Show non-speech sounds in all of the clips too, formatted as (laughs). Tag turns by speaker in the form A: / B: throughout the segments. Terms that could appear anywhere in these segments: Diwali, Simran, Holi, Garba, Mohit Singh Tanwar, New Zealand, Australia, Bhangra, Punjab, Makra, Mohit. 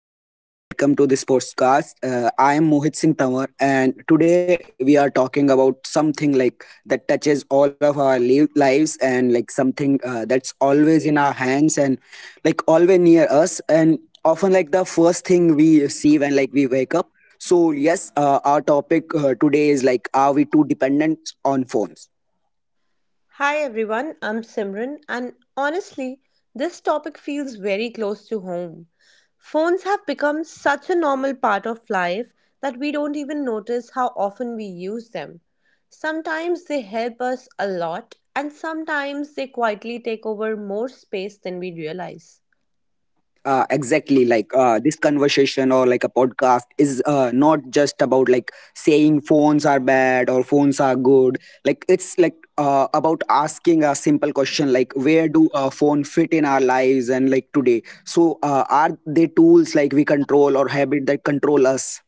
A: and welcome to this podcast. I am Mohit Singh Tanwar, and today we are talking about something like that touches all of our lives, and like something that's always in our hands and like always near us, and often like the first thing we see when like we wake up. So yes, our topic today is like, are we too dependent on phones?
B: Hi everyone, I'm Simran, and honestly, this topic feels very close to home. Phones have become such a normal part of life that we don't even notice how often we use them. Sometimes they help us a lot, and sometimes they quietly take over more space than we realize.
A: Exactly like this conversation or like a podcast is not just about like saying phones are bad or phones are good. Like it's like about asking a simple question like where do a phone fit in our lives and like today so are they tools like we control or habit that control us?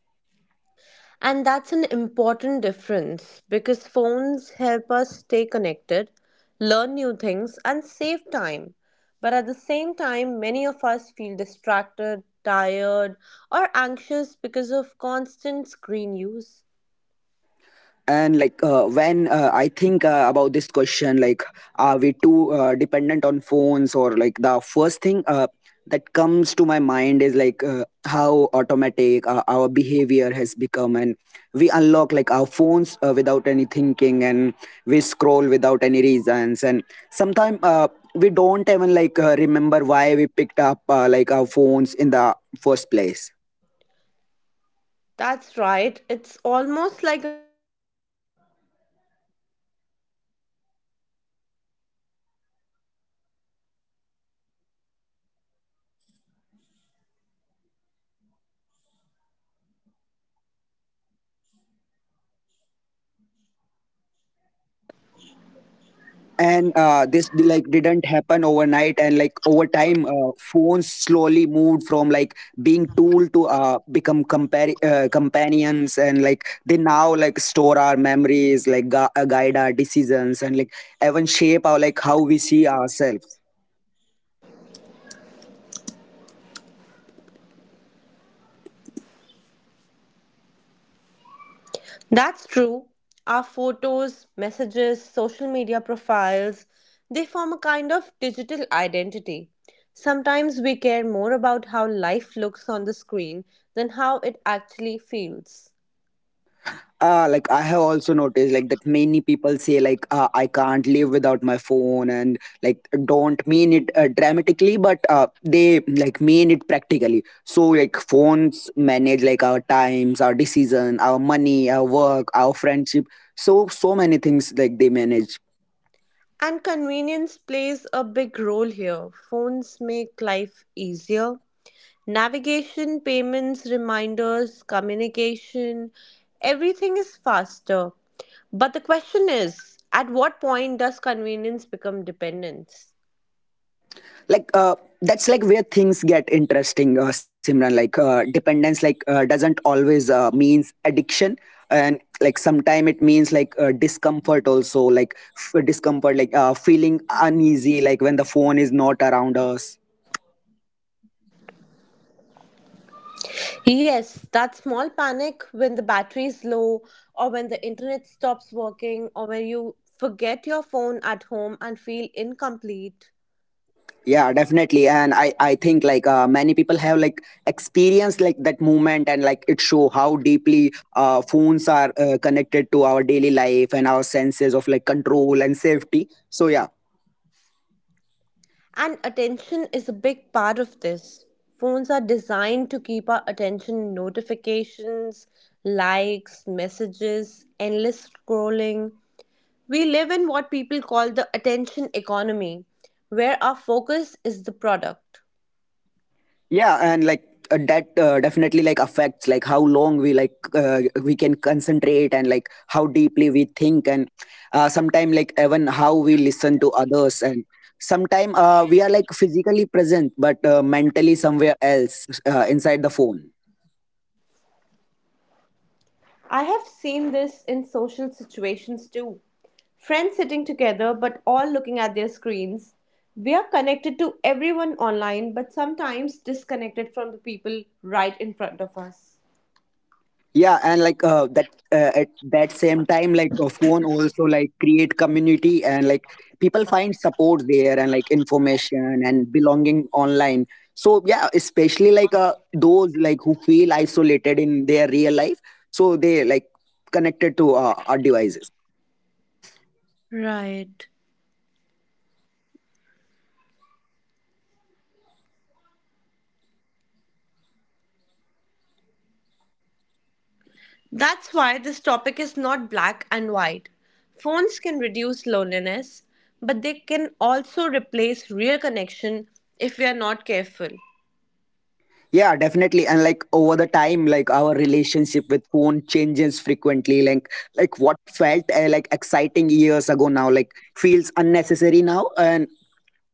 B: And that's an important difference because phones help us stay connected, learn new things, and save time. But at the same time, many of us feel distracted, tired, or anxious because of constant screen use.
A: And like when I think about this question like are we too dependent on phones, or like the first thing that comes to my mind is like how automatic our behavior has become. And we unlock like our phones without any thinking, and we scroll without any reasons, and sometimes we don't even like remember why we picked up like our phones in the first place.
B: That's right, it's almost like.
A: And like didn't happen overnight. And like over time phones slowly moved from like being tool to become companions. And like they now like store our memories, like guide our decisions, and like even shape our like how we see ourselves.
B: That's true. Our photos, messages, social media profiles, they form a kind of digital identity. Sometimes we care more about how life looks on the screen than how it actually feels.
A: Like I have also noticed like that many people say like I can't live without my phone, and like don't mean it dramatically, but they like mean it practically. So like phones manage like our times, our decision, our money, our work, our friendship. So so many things like they manage.
B: And convenience plays a big role here. Phones make life easier. Navigation, payments, reminders, communication, everything is faster. But the question is, at what point does convenience become dependence?
A: Like that's like where things get interesting, Simran. Like dependence like doesn't always means addiction. And like sometime it means like discomfort also. Like discomfort, like feeling uneasy like when the phone is not around us.
B: Yes, that small panic when the battery is low, or when the internet stops working, or when you forget your phone at home and feel incomplete.
A: Yeah, definitely. And I think like many people have like experienced like that moment, and like it show how deeply phones are connected to our daily life and our senses of like control and safety. So yeah.
B: And attention is a big part of this. Phones are designed to keep our attention in notifications, likes, messages, endless scrolling. We live in what people call the attention economy, where our focus is the product.
A: Yeah, and like that definitely like affects like how long we like we can concentrate and like how deeply we think. And sometime like even how we listen to others. And sometimes we are like physically present but mentally somewhere else, inside the phone.
B: I have seen this in social situations too. Friends sitting together but all looking at their screens. We are connected to everyone online but sometimes disconnected from the people right in front of us.
A: Yeah, and like that at that same time, like a phone also like create community, and like people find support there, and like information and belonging online. So yeah, especially like those like who feel isolated in their real life, so they like connected to our devices.
B: Right. That's why this topic is not black and white. Phones can reduce loneliness, but they can also replace real connection if we are not careful,
A: Yeah, definitely. And like over the time, like our relationship with phone changes frequently. Like what felt like exciting years ago now, like feels unnecessary now. And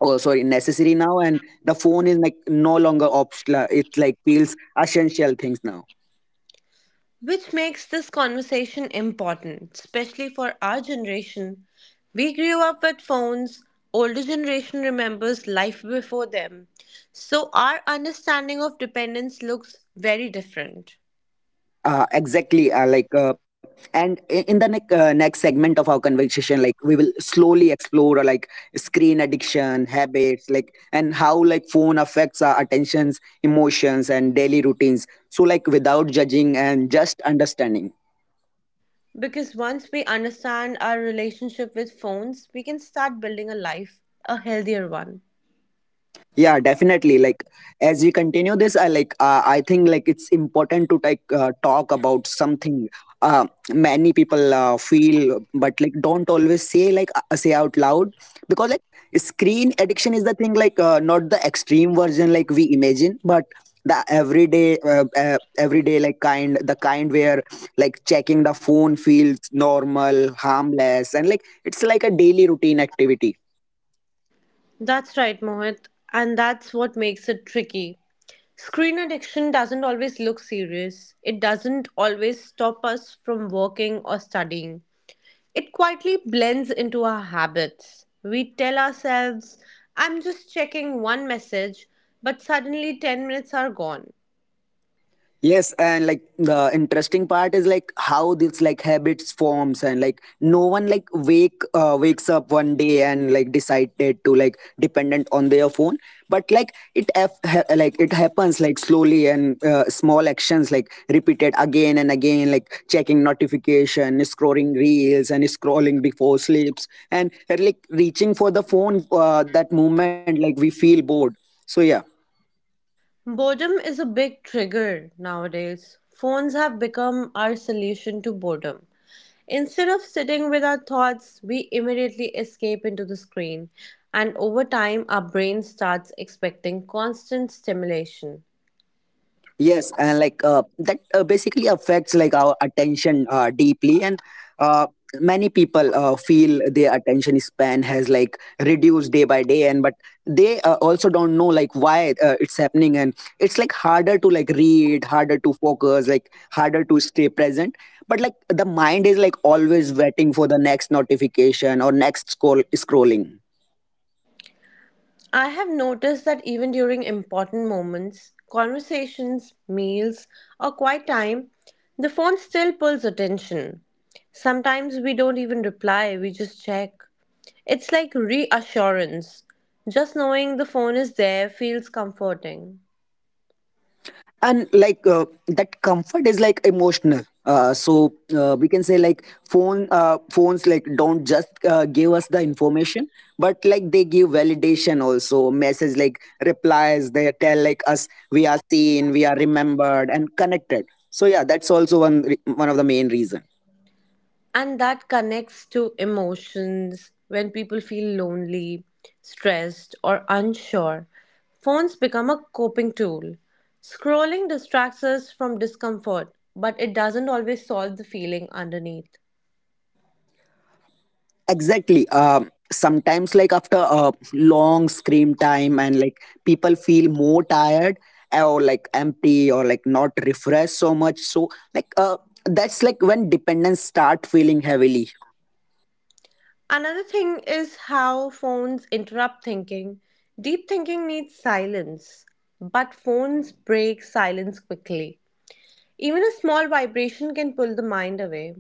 A: oh sorry, necessary now. And the phone is like no longer optional, it like feels essential things now.
B: which makes this conversation important, especially for our generation. We grew up with phones, older generation remembers life before them. So our understanding of dependence looks very different.
A: Exactly, like and in the next segment of our conversation like we will slowly explore, like screen addiction habits, like and how like phone affects our attentions, emotions, and daily routines, so like without judging and just understanding.
B: Because once we understand our relationship with phones, we can start building a life, a healthier one.
A: Yeah, definitely. Like as we continue this, I like I think like it's important to like talk about something, uh, many people feel, but like don't always say, like say out loud. Because like screen addiction is the thing, like not the extreme version like we imagine, but the everyday like kind the kind where like checking the phone feels normal, harmless, and like it's like a daily routine activity.
B: That's right, Mohit, and that's what makes it tricky. Screen addiction doesn't always look serious. It doesn't always stop us from working or studying. It quietly blends into our habits. We tell ourselves, I'm just checking one message, but suddenly 10 minutes are gone.
A: Yes, and like the interesting part is like how this like habits forms. And like no one like wakes up one day and like decided to like dependent on their phone, but like it like it happens like slowly. And small actions like repeated again and again, like checking notification, scrolling reels and scrolling before sleeps, and like reaching for the phone that moment like we feel bored. So yeah.
B: Boredom is a big trigger nowadays. Phones have become our solution to boredom. Instead of sitting with our thoughts, we immediately escape into the screen, and over time, our brain starts expecting constant stimulation.
A: Yes, and like that basically affects like our attention deeply. And uh, many people feel their attention span has like reduced day by day, and but they also don't know like why it's happening. And it's like harder to like read, harder to focus, like harder to stay present. But like the mind is like always waiting for the next notification or next scroll scrolling.
B: I have noticed that even during important moments, conversations, meals, or quiet time, the phone still pulls attention. Sometimes we don't even reply, we just check. It's like reassurance. Just knowing the phone is there feels comforting.
A: And like that comfort is like emotional, so we can say like phones like don't just give us the information but like they give validation also. Message like replies, they tell like us we are seen, we are remembered, and connected. So yeah, that's also one of the main reason.
B: And that connects to emotions when people feel lonely, stressed, or unsure. Phones become a coping tool. Scrolling distracts us from discomfort, but it doesn't always solve the feeling underneath.
A: Exactly. Sometimes, like after a long screen time and like people feel more tired or like empty or like not refreshed so much, so like that's like when dependence start feeling heavily.
B: Another thing is how phones interrupt thinking. Deep thinking needs silence, but phones break silence quickly. Even a small vibration can pull the mind away.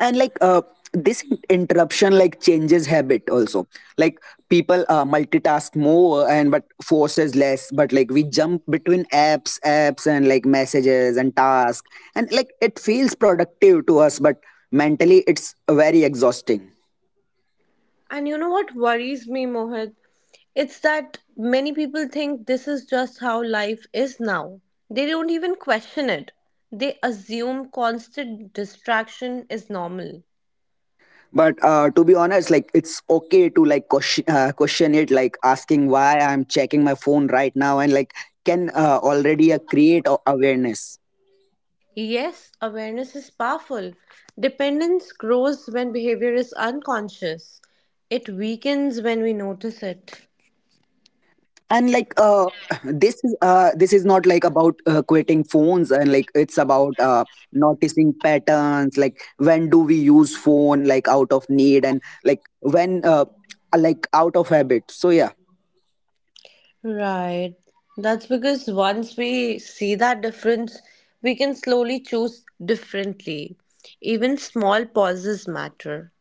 A: And like this interruption like changes habit also. Like people multitask more and but forces less, but like we jump between apps and like messages and task, and like it feels productive to us but mentally it's very exhausting.
B: And you know what worries me, Mohit? It's that many people think this is just how life is now. They don't even question it. They assume constant distraction is normal.
A: But to be honest like it's okay to like question it. Like asking why I'm checking my phone right now, and like can already create awareness.
B: Yes, awareness is powerful. Dependence grows when behavior is unconscious. It weakens when we notice it.
A: And like (clears throat) this is not like about quitting phones. And like it's about noticing patterns, like when do we use phone like out of need and like when like out of habit. So yeah.
B: Right. That's because once we see that difference, we can slowly choose differently. Even small pauses matter.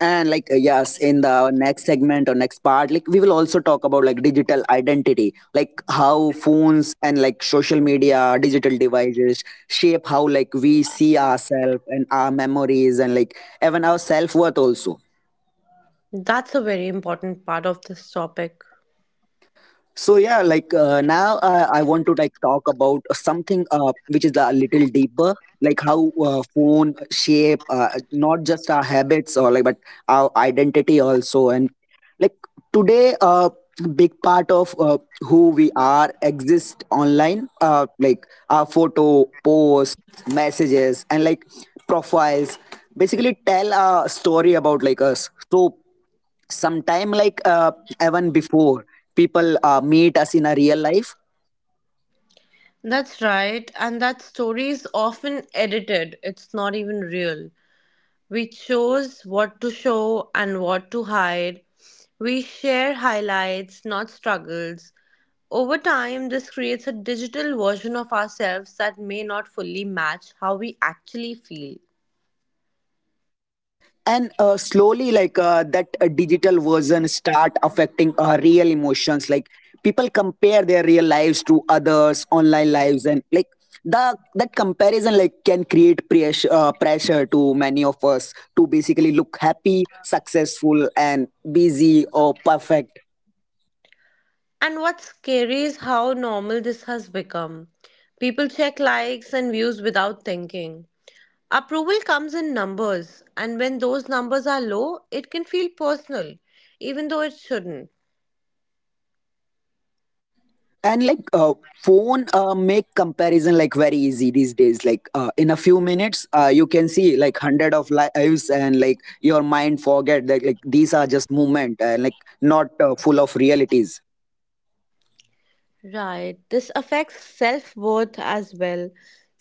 A: And like yes in the next segment or next part like we will also talk about like digital identity, like how phones and like social media digital devices shape how like we see ourselves and our memories and like even our self-worth also.
B: That's a very important part of this topic.
A: So yeah, like now I want to like talk about something, which is a little deeper, like how phone shape not just our habits or like but our identity also. And like today, big part of who we are exist online, like our photo, posts, messages, and like profiles basically tell a story about like us. So sometime like even before people meet us in a real life.
B: That's right, and that story is often edited. It's not even real. We chose what to show and what to hide. We share highlights, not struggles. Over time, this creates a digital version of ourselves that may not fully match how we actually feel.
A: And slowly like that digital version start affecting our real emotions. Like people compare their real lives to others online lives, and like the that comparison like can create pressure, pressure to many of us to basically look happy, successful, and busy or perfect.
B: And what's scary is how normal this has become. People check likes and views without thinking. Approval comes in numbers, and when those numbers are low, it can feel personal, even though it shouldn't.
A: And like phone make comparison like very easy these days. Like in a few minutes you can see like hundred of lives, and like your mind forget that like these are just movement and like not full of realities.
B: Right. This affects self-worth as well,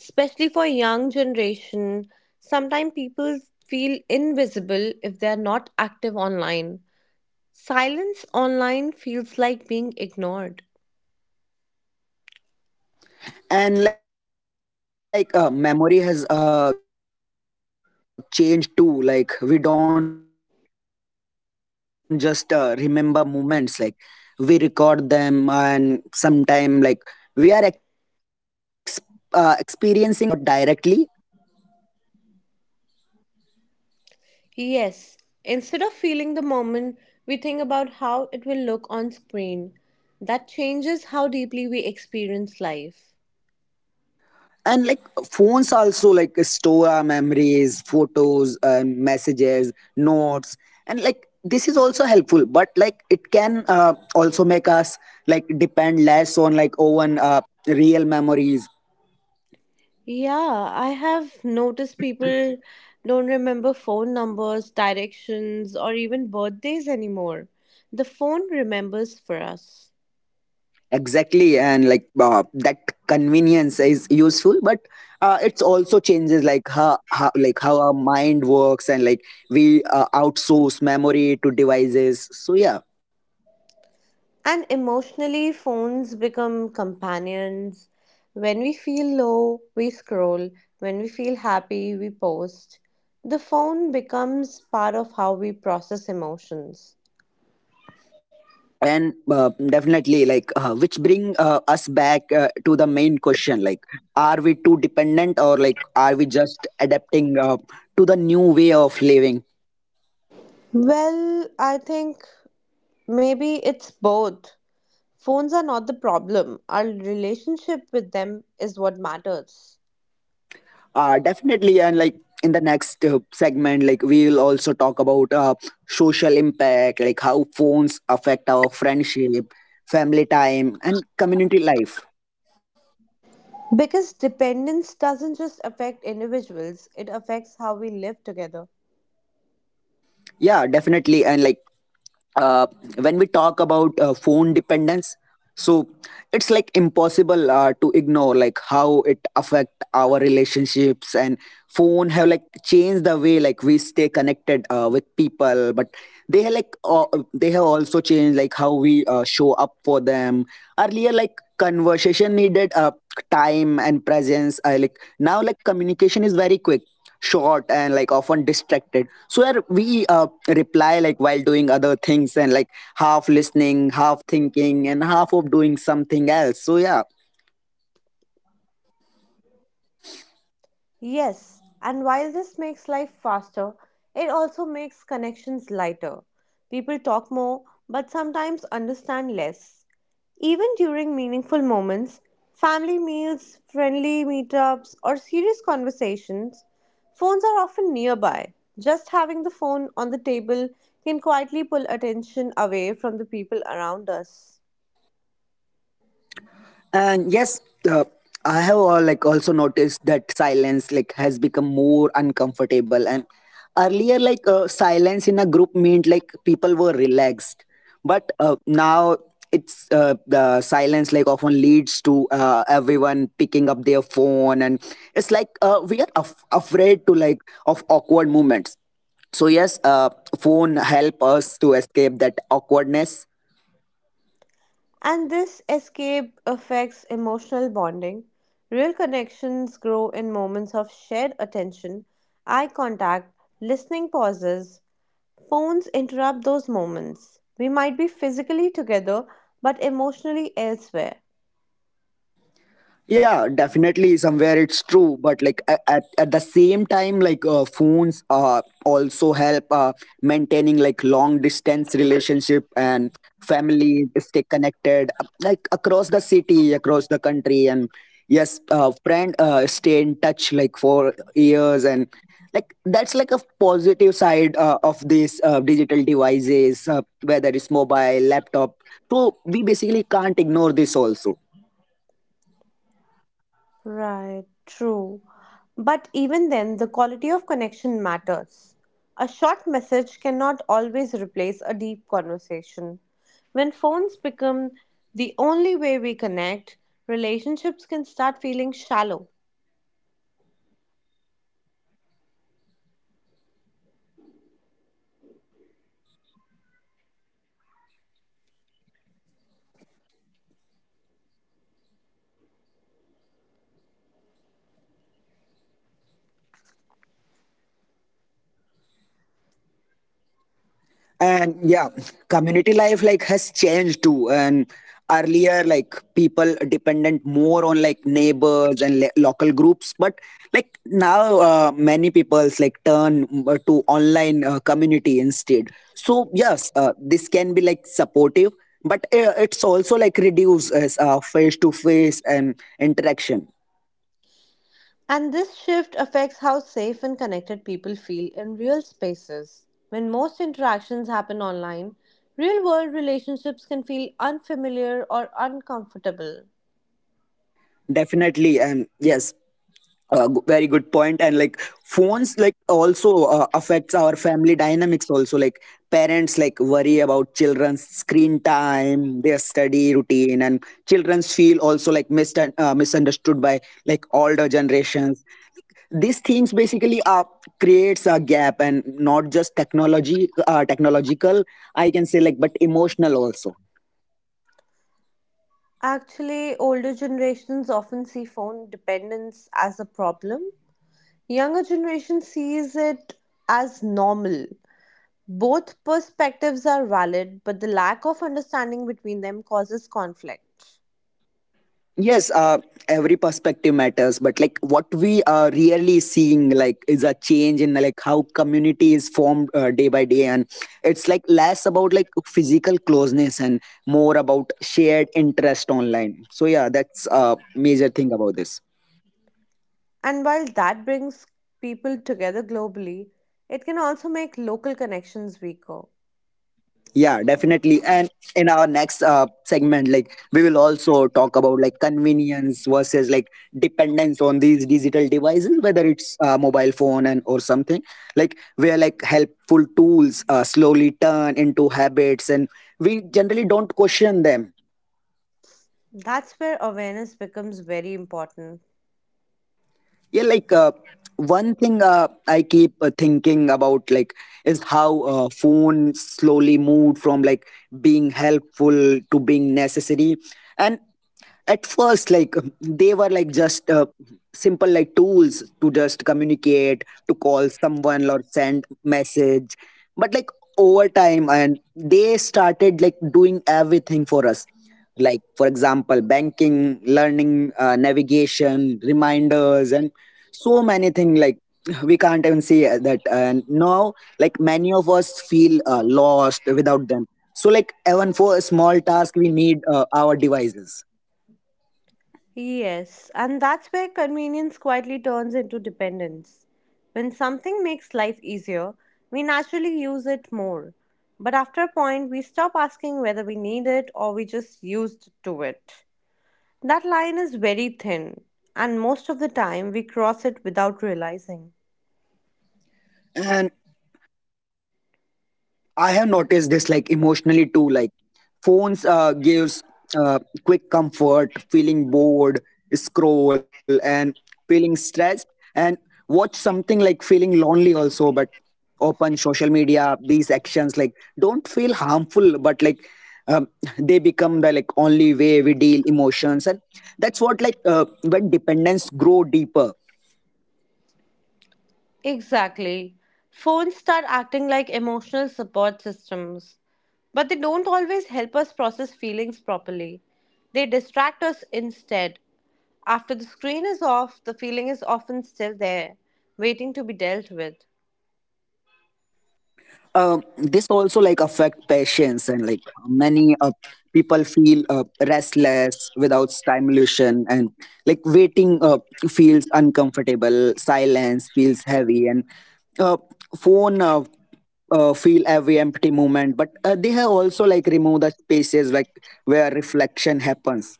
B: especially for young generation. Sometimes people feel invisible if they are not active online. Silence online feels like being ignored.
A: And like memory has changed too. Like we don't just remember moments, like we record them. And sometime like we are experiencing like life through the camera, like uh, (clears throat) not directly but yes.
B: Yes, instead of feeling the moment, we think about how it will look on screen. That changes how deeply we experience life.
A: And like phones also like store our memories, photos, messages, notes. And like this is also helpful but like it can also make us like depend less on like own real memories.
B: Yeah, I have noticed people don't remember phone numbers, directions, or even birthdays anymore. The phone remembers for us.
A: Exactly. And like that convenience is useful, but it's also changes like how like how our mind works. And like we outsource memory to devices. So yeah.
B: And emotionally, phones become companions. When we feel low, we scroll. When we feel happy, we post. The phone becomes part of how we process emotions.
A: And definitely like which bring us back to the main question, like are we too dependent, or like are we just adapting to the new way of living.
B: Well, I think maybe it's both. Phones are not the problem, our relationship with them is what matters.
A: Definitely. And like in the next segment like we will also talk about social impact, like how phones affect our friendship, family time, and community life.
B: Because dependence doesn't just affect individuals, it affects how we live together.
A: Yeah, definitely. And like uh, when we talk about phone dependence, so it's like impossible to ignore like how it affect our relationships. And phone have like changed the way like we stay connected with people, but they have like uh, they have also changed like how we show up for them. Earlier, like conversation needed time and presence. I like now like communication is very quick, short, and like often distracted so where we reply like while doing other things and like half listening, half thinking, and half of doing something else, so yeah.
B: Yes, and while this makes life faster, it also makes connections lighter. People talk more, but sometimes understand less. Even during meaningful moments, family meals, friendly meetups, or serious conversations, phones are often nearby. Just having the phone on the table can quietly pull attention away from the people around us.
A: And yes, uh, I have like also noticed that silence like has become more uncomfortable. And earlier, like silence in a group meant like people were relaxed, but now it's the silence like often leads to everyone picking up their phone, and it's like we are afraid to like of awkward moments. So yes, phone help us to escape that awkwardness.
B: And this escape affects emotional bonding. Real connections grow in moments of shared attention, eye contact, listening pauses. Phones interrupt those moments. We might be physically together, but emotionally elsewhere.
A: Yeah, definitely somewhere it's true, but like at the same time like phones also help maintaining like long distance relationship, and family stay connected like across the city, across the country, and yes, friend stay in touch like for years, and like that's like a positive side of these digital devices, whether it's mobile laptop, so we basically can't ignore this also.
B: Right, true. But even then, the quality of connection matters. A short message cannot always replace a deep conversation. When phones become the only way we connect, relationships can start feeling shallow.
A: And yeah, community life like has changed too, and earlier like people dependent more on like neighbors and local groups, but like now many people's like turn to online community instead. So yes, this can be like supportive, but it's also like reduce as face to face and interaction.
B: And this shift affects how safe and connected people feel in real spaces. When most interactions happen online, real world relationships can feel unfamiliar or uncomfortable.
A: Definitely, yes, very good point. And like phones, like also affects our family dynamics. Also, like parents like worry about children's screen time, their study routine, and childrens feel also like misunderstood by like older generations. These things basically creates a gap, and not just technology technological I can say like, but emotional also.
B: Actually, older generations often see phone dependence as a problem. Younger generation sees it as normal. Both perspectives are valid, but the lack of understanding between them causes conflict.
A: Yes, every perspective matters, but like what we are really seeing like is a change in like how community is formed, day by day, and it's like less about like physical closeness and more about shared interest online, so yeah, that's a major thing about this.
B: And while that brings people together globally, it can also make local connections weaker.
A: Yeah, definitely. And in our next segment, like we will also talk about like convenience versus like dependence on these digital devices, whether it's a mobile phone and or something like where like helpful tools slowly turn into habits, and we generally don't question them.
B: That's where awareness becomes very important.
A: Yeah, like one thing I keep thinking about like is how phone slowly moved from like being helpful to being necessary. And at first like they were like just simple like tools to just communicate, to call someone or send message, but like over time and they started like doing everything for us, like for example banking, learning, navigation, reminders, and so many things like we can't even say that. And now like many of us feel lost without them, so like even for a small task we need our devices.
B: Yes, and that's where convenience quietly turns into dependence. When something makes life easier, we naturally use it more. But after a point, we stop asking whether we need it or we just used to it. That line is very thin, and most of the time we cross it without realizing.
A: And I have noticed this like emotionally too. Like phones gives uh, quick comfort, feeling bored, scroll and feeling stressed, and watch something like feeling lonely also. But open social media, these actions like don't feel harmful, but like um, (laughs) they become the like only way we deal emotions, and that's what like when dependence grow deeper.
B: Exactly. Phones start acting like emotional support systems, but they don't always help us process feelings properly. They distract us instead. After the screen is off, the feeling is often still there, waiting to be dealt with.
A: This also like affect patients, and like many people feel restless without stimulation, and like waiting feels uncomfortable, silence feels heavy, and uh, phone feel every empty moment, but they have also like remove the spaces like where reflection happens.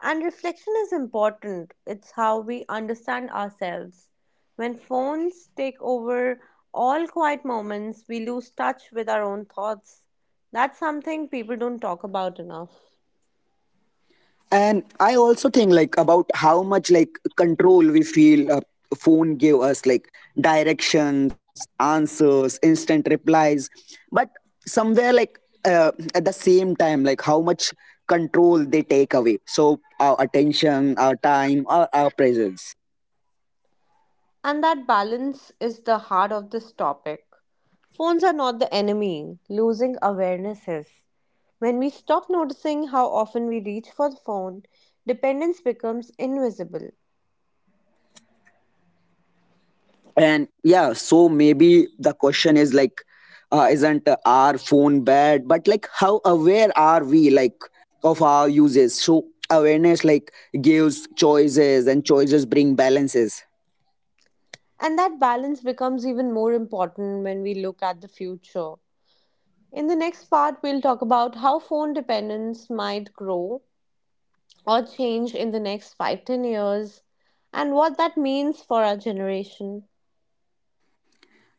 B: And reflection is important. It's how we understand ourselves. When phones take over all quiet moments, we lose touch with our own thoughts. That's something people don't talk about enough.
A: And I also think like about how much like control we feel a phone gave us, like directions, answers, instant replies, but somewhere like at the same time like how much control they take away. So our attention, our time, our presence.
B: And that balance is the heart of this topic. Phones are not the enemy, losing awareness is. When we stop noticing how often we reach for the phone, dependence becomes invisible.
A: And yeah, so maybe the question is like isn't our phone bad, but like how aware are we like of our uses, so awareness like gives choices and choices bring balances.
B: And that balance becomes even more important when we look at the future. In the next part, we'll talk about how phone dependence might grow or change in the next 5 to 10 years and what that means for our generation.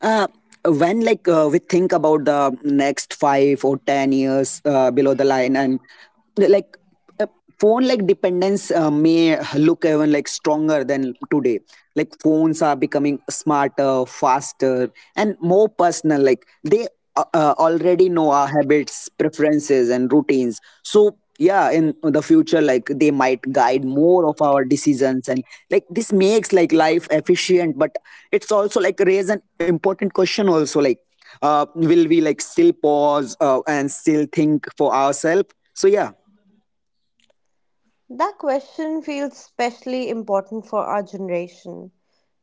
A: Uh, when like we think about the next 5 or 10 years below the line, and like uh, phone like dependence may look even like stronger than today. Like phones are becoming smarter, faster, and more personal, like they already know our habits, preferences, and routines, so yeah in the future like they might guide more of our decisions, and like this makes like life efficient, but it's also like raise an important question also, like will we like still pause and still think for ourselves, so yeah.
B: That question feels especially important for our generation.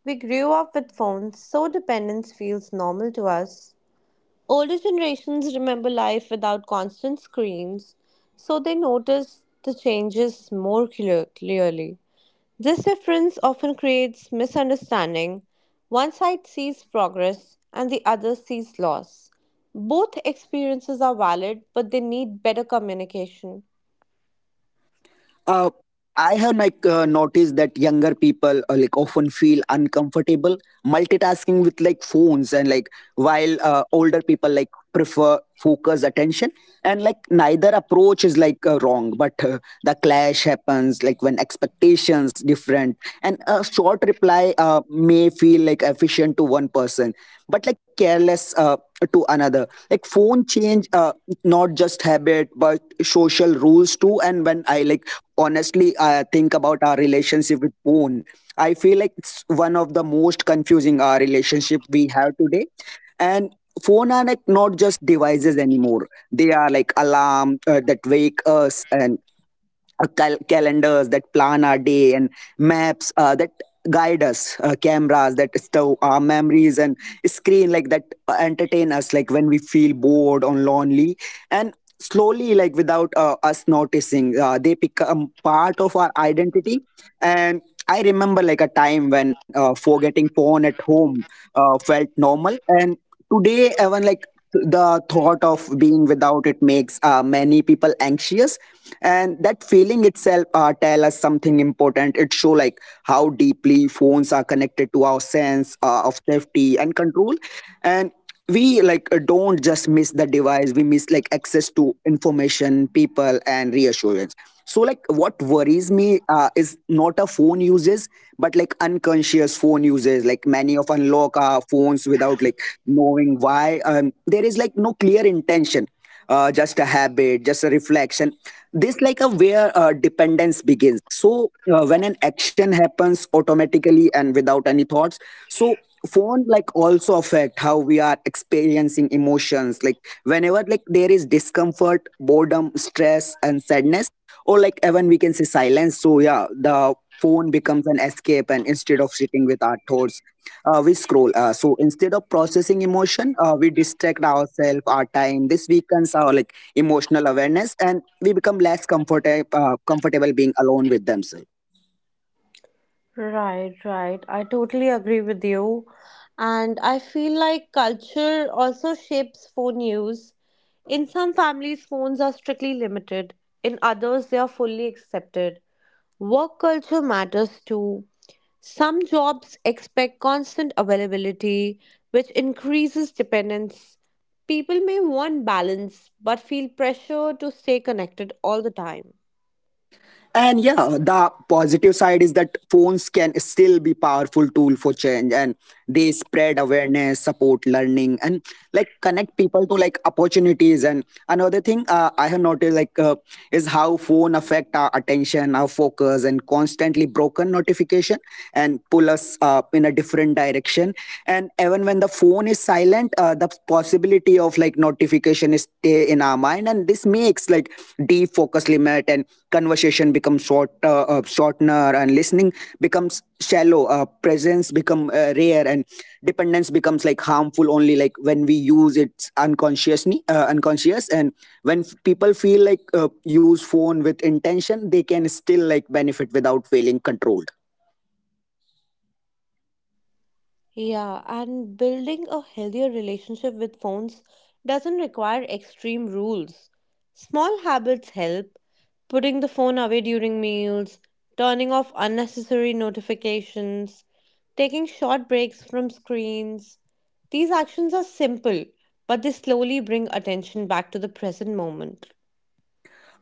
B: We grew up with phones, so dependence feels normal to us. Older generations remember life without constant screens, so they notice the changes more clearly. This difference often creates misunderstanding. One side sees progress and the other sees loss. Both experiences are valid, but they need better communication.
A: Uh i have like noticed that younger people like often feel uncomfortable multitasking with like phones, and like while older people like prefer focus attention, and like neither approach is like wrong, but the clash happens like when expectations different, and a short reply may feel like efficient to one person, but like careless to another. Like phone change not just habit but social rules too. And when I like honestly think about our relationship with phone, I feel like it's one of the most confusing relationship we have today. And phone are like not just devices anymore, they are like alarm that wake us, and calendars that plan our day, and maps that guide us, cameras that stow our memories, and screen like that entertain us like when we feel bored or lonely. And slowly, like without us noticing, they become part of our identity. And I remember like a time when forgetting phone at home felt normal. And today, even like the thought of being without it makes many people anxious, and that feeling itself tell us something important. It show like how deeply phones are connected to our sense of safety and control. And we like don't just miss the device, we miss like access to information, people, and reassurance. So like what worries me is not a phone uses but like unconscious phone uses. Like many of unlock our phones without like knowing why. There is like no clear intention, just a habit, just a reflection. This like a where dependence begins. So when an action happens automatically and without any thoughts, so phone like also affect how we are experiencing emotions. Like whenever like there is discomfort, boredom, stress, and sadness, or like even we can say silence. So yeah, the phone becomes an escape, and instead of sitting with our thoughts, we scroll. So instead of processing emotion, we distract ourselves, our time. This weakens our like emotional awareness, and we become less comfortable being alone with themselves.
B: Right, right. I totally agree with you. And I feel like culture also shapes phone use. In some families, phones are strictly limited, in others, they are fully accepted. Work culture matters too. Some jobs expect constant availability, which increases dependence. People may want balance but feel pressure to stay connected all the time.
A: And yeah, the positive side is that phones can still be powerful tool for change, and they spread awareness, support learning, and like connect people to like opportunities. And another thing I have noticed like is how phone affect our attention, our focus, and constantly broken notification and pull us up in a different direction. And even when the phone is silent, the possibility of like notification is stay in our mind, and this makes like deep focus limit, and conversation becomes shortener, and listening becomes shallow, presence become rare, and dependence becomes like harmful only like when we use it unconscious, and when people feel like use phone with intention they can still like benefit without feeling controlled.
B: Yeah, and building a healthier relationship with phones doesn't require extreme rules. Small habits help, putting the phone away during meals, turning off unnecessary notifications, taking short breaks from screens. These actions are simple, but they slowly bring attention back to the present moment.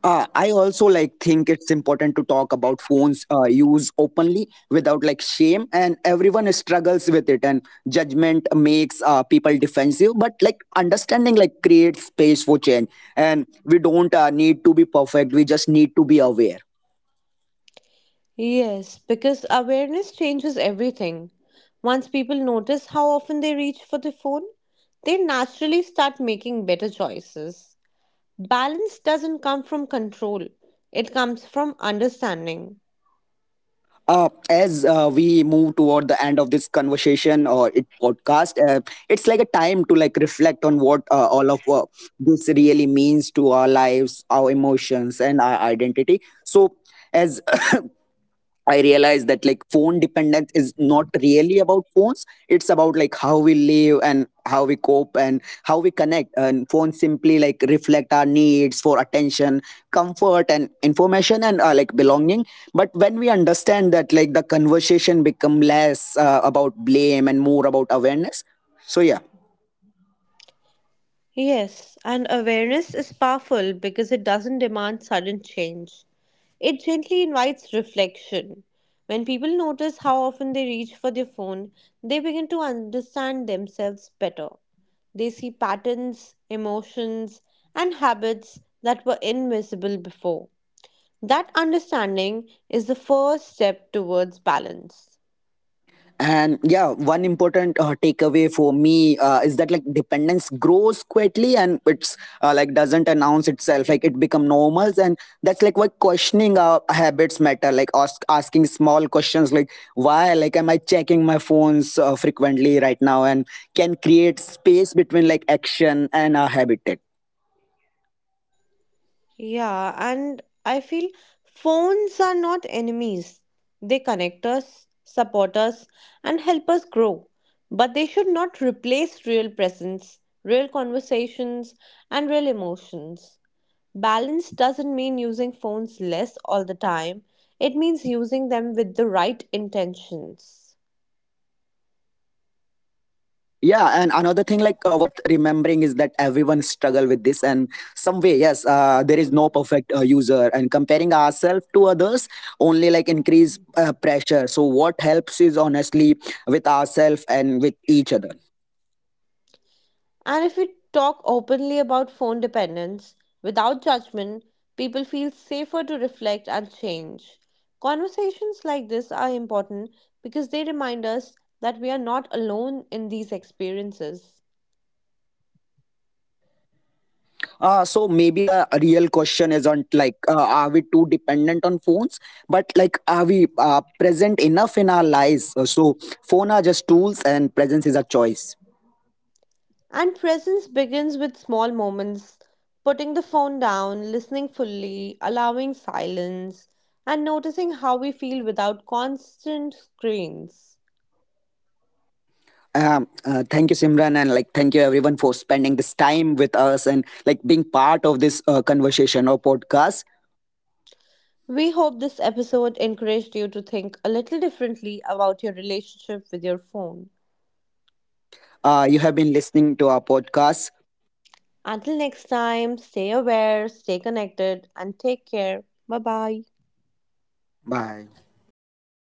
A: I also like think it's important to talk about phones use openly without like shame, and everyone struggles with it. And judgment makes people defensive, but like understanding like creates space for change. And we don't need to be perfect; we just need to be aware.
B: Yes, because awareness changes everything. Once people notice how often they reach for the phone, they naturally start making better choices. Balance doesn't come from control, it comes from understanding.
A: As we move toward the end of this conversation or it podcast, it's like a time to like reflect on what all of this really means to our lives, our emotions, and our identity. So, as (laughs) (clears throat) I realized that like phone dependence is not really about phones. It's about like how we live, and how we cope, and how we connect. And phones simply like reflect our needs for attention, comfort, and information, and like belonging. But when we understand that, like the conversation become less about blame and more about awareness. So yeah.
B: Yes, and awareness is powerful because it doesn't demand sudden change. It gently invites reflection. When people notice how often they reach for their phone, they begin to understand themselves better. They see patterns, emotions, and habits that were invisible before. That understanding is the first step towards balance.
A: And yeah, one important takeaway for me is that like dependence grows quietly, and it's like doesn't announce itself. Like it become normal, and that's like why questioning our habits matter. Like asking small questions like why, like am I checking my phones frequently right now, and can create space between like action and our habit.
B: Yeah, and I feel phones are not enemies. They connect us, support us, and help us grow. But they should not replace real presence, real conversations, and real emotions. Balance doesn't mean using phones less all the time, it means using them with the right intentions.
A: Yeah, and another thing like worth remembering is that everyone struggle with this, and some way, yes, there is no perfect user, and comparing ourselves to others only like increase pressure. So what helps is honestly with ourselves and with each other.
B: And if we talk openly about phone dependence without judgment, people feel safer to reflect and change. Conversations like this are important because they remind us that we are not alone in these experiences.
A: So maybe the real question isn't like are we too dependent on phones, but like are we present enough in our lives? So phone are just tools, and presence is a choice.
B: And presence begins with small moments putting the phone down, listening fully, allowing silence, and noticing how we feel without constant screens.
A: Thank you, Simran, and like thank you everyone for spending this time with us and like being part of this conversation or podcast.
B: We hope this episode encouraged you to think a little differently about your relationship with your phone.
A: You have been listening to our podcast.
B: Until next time, stay aware, stay connected, and take care. Bye bye.
A: Bye.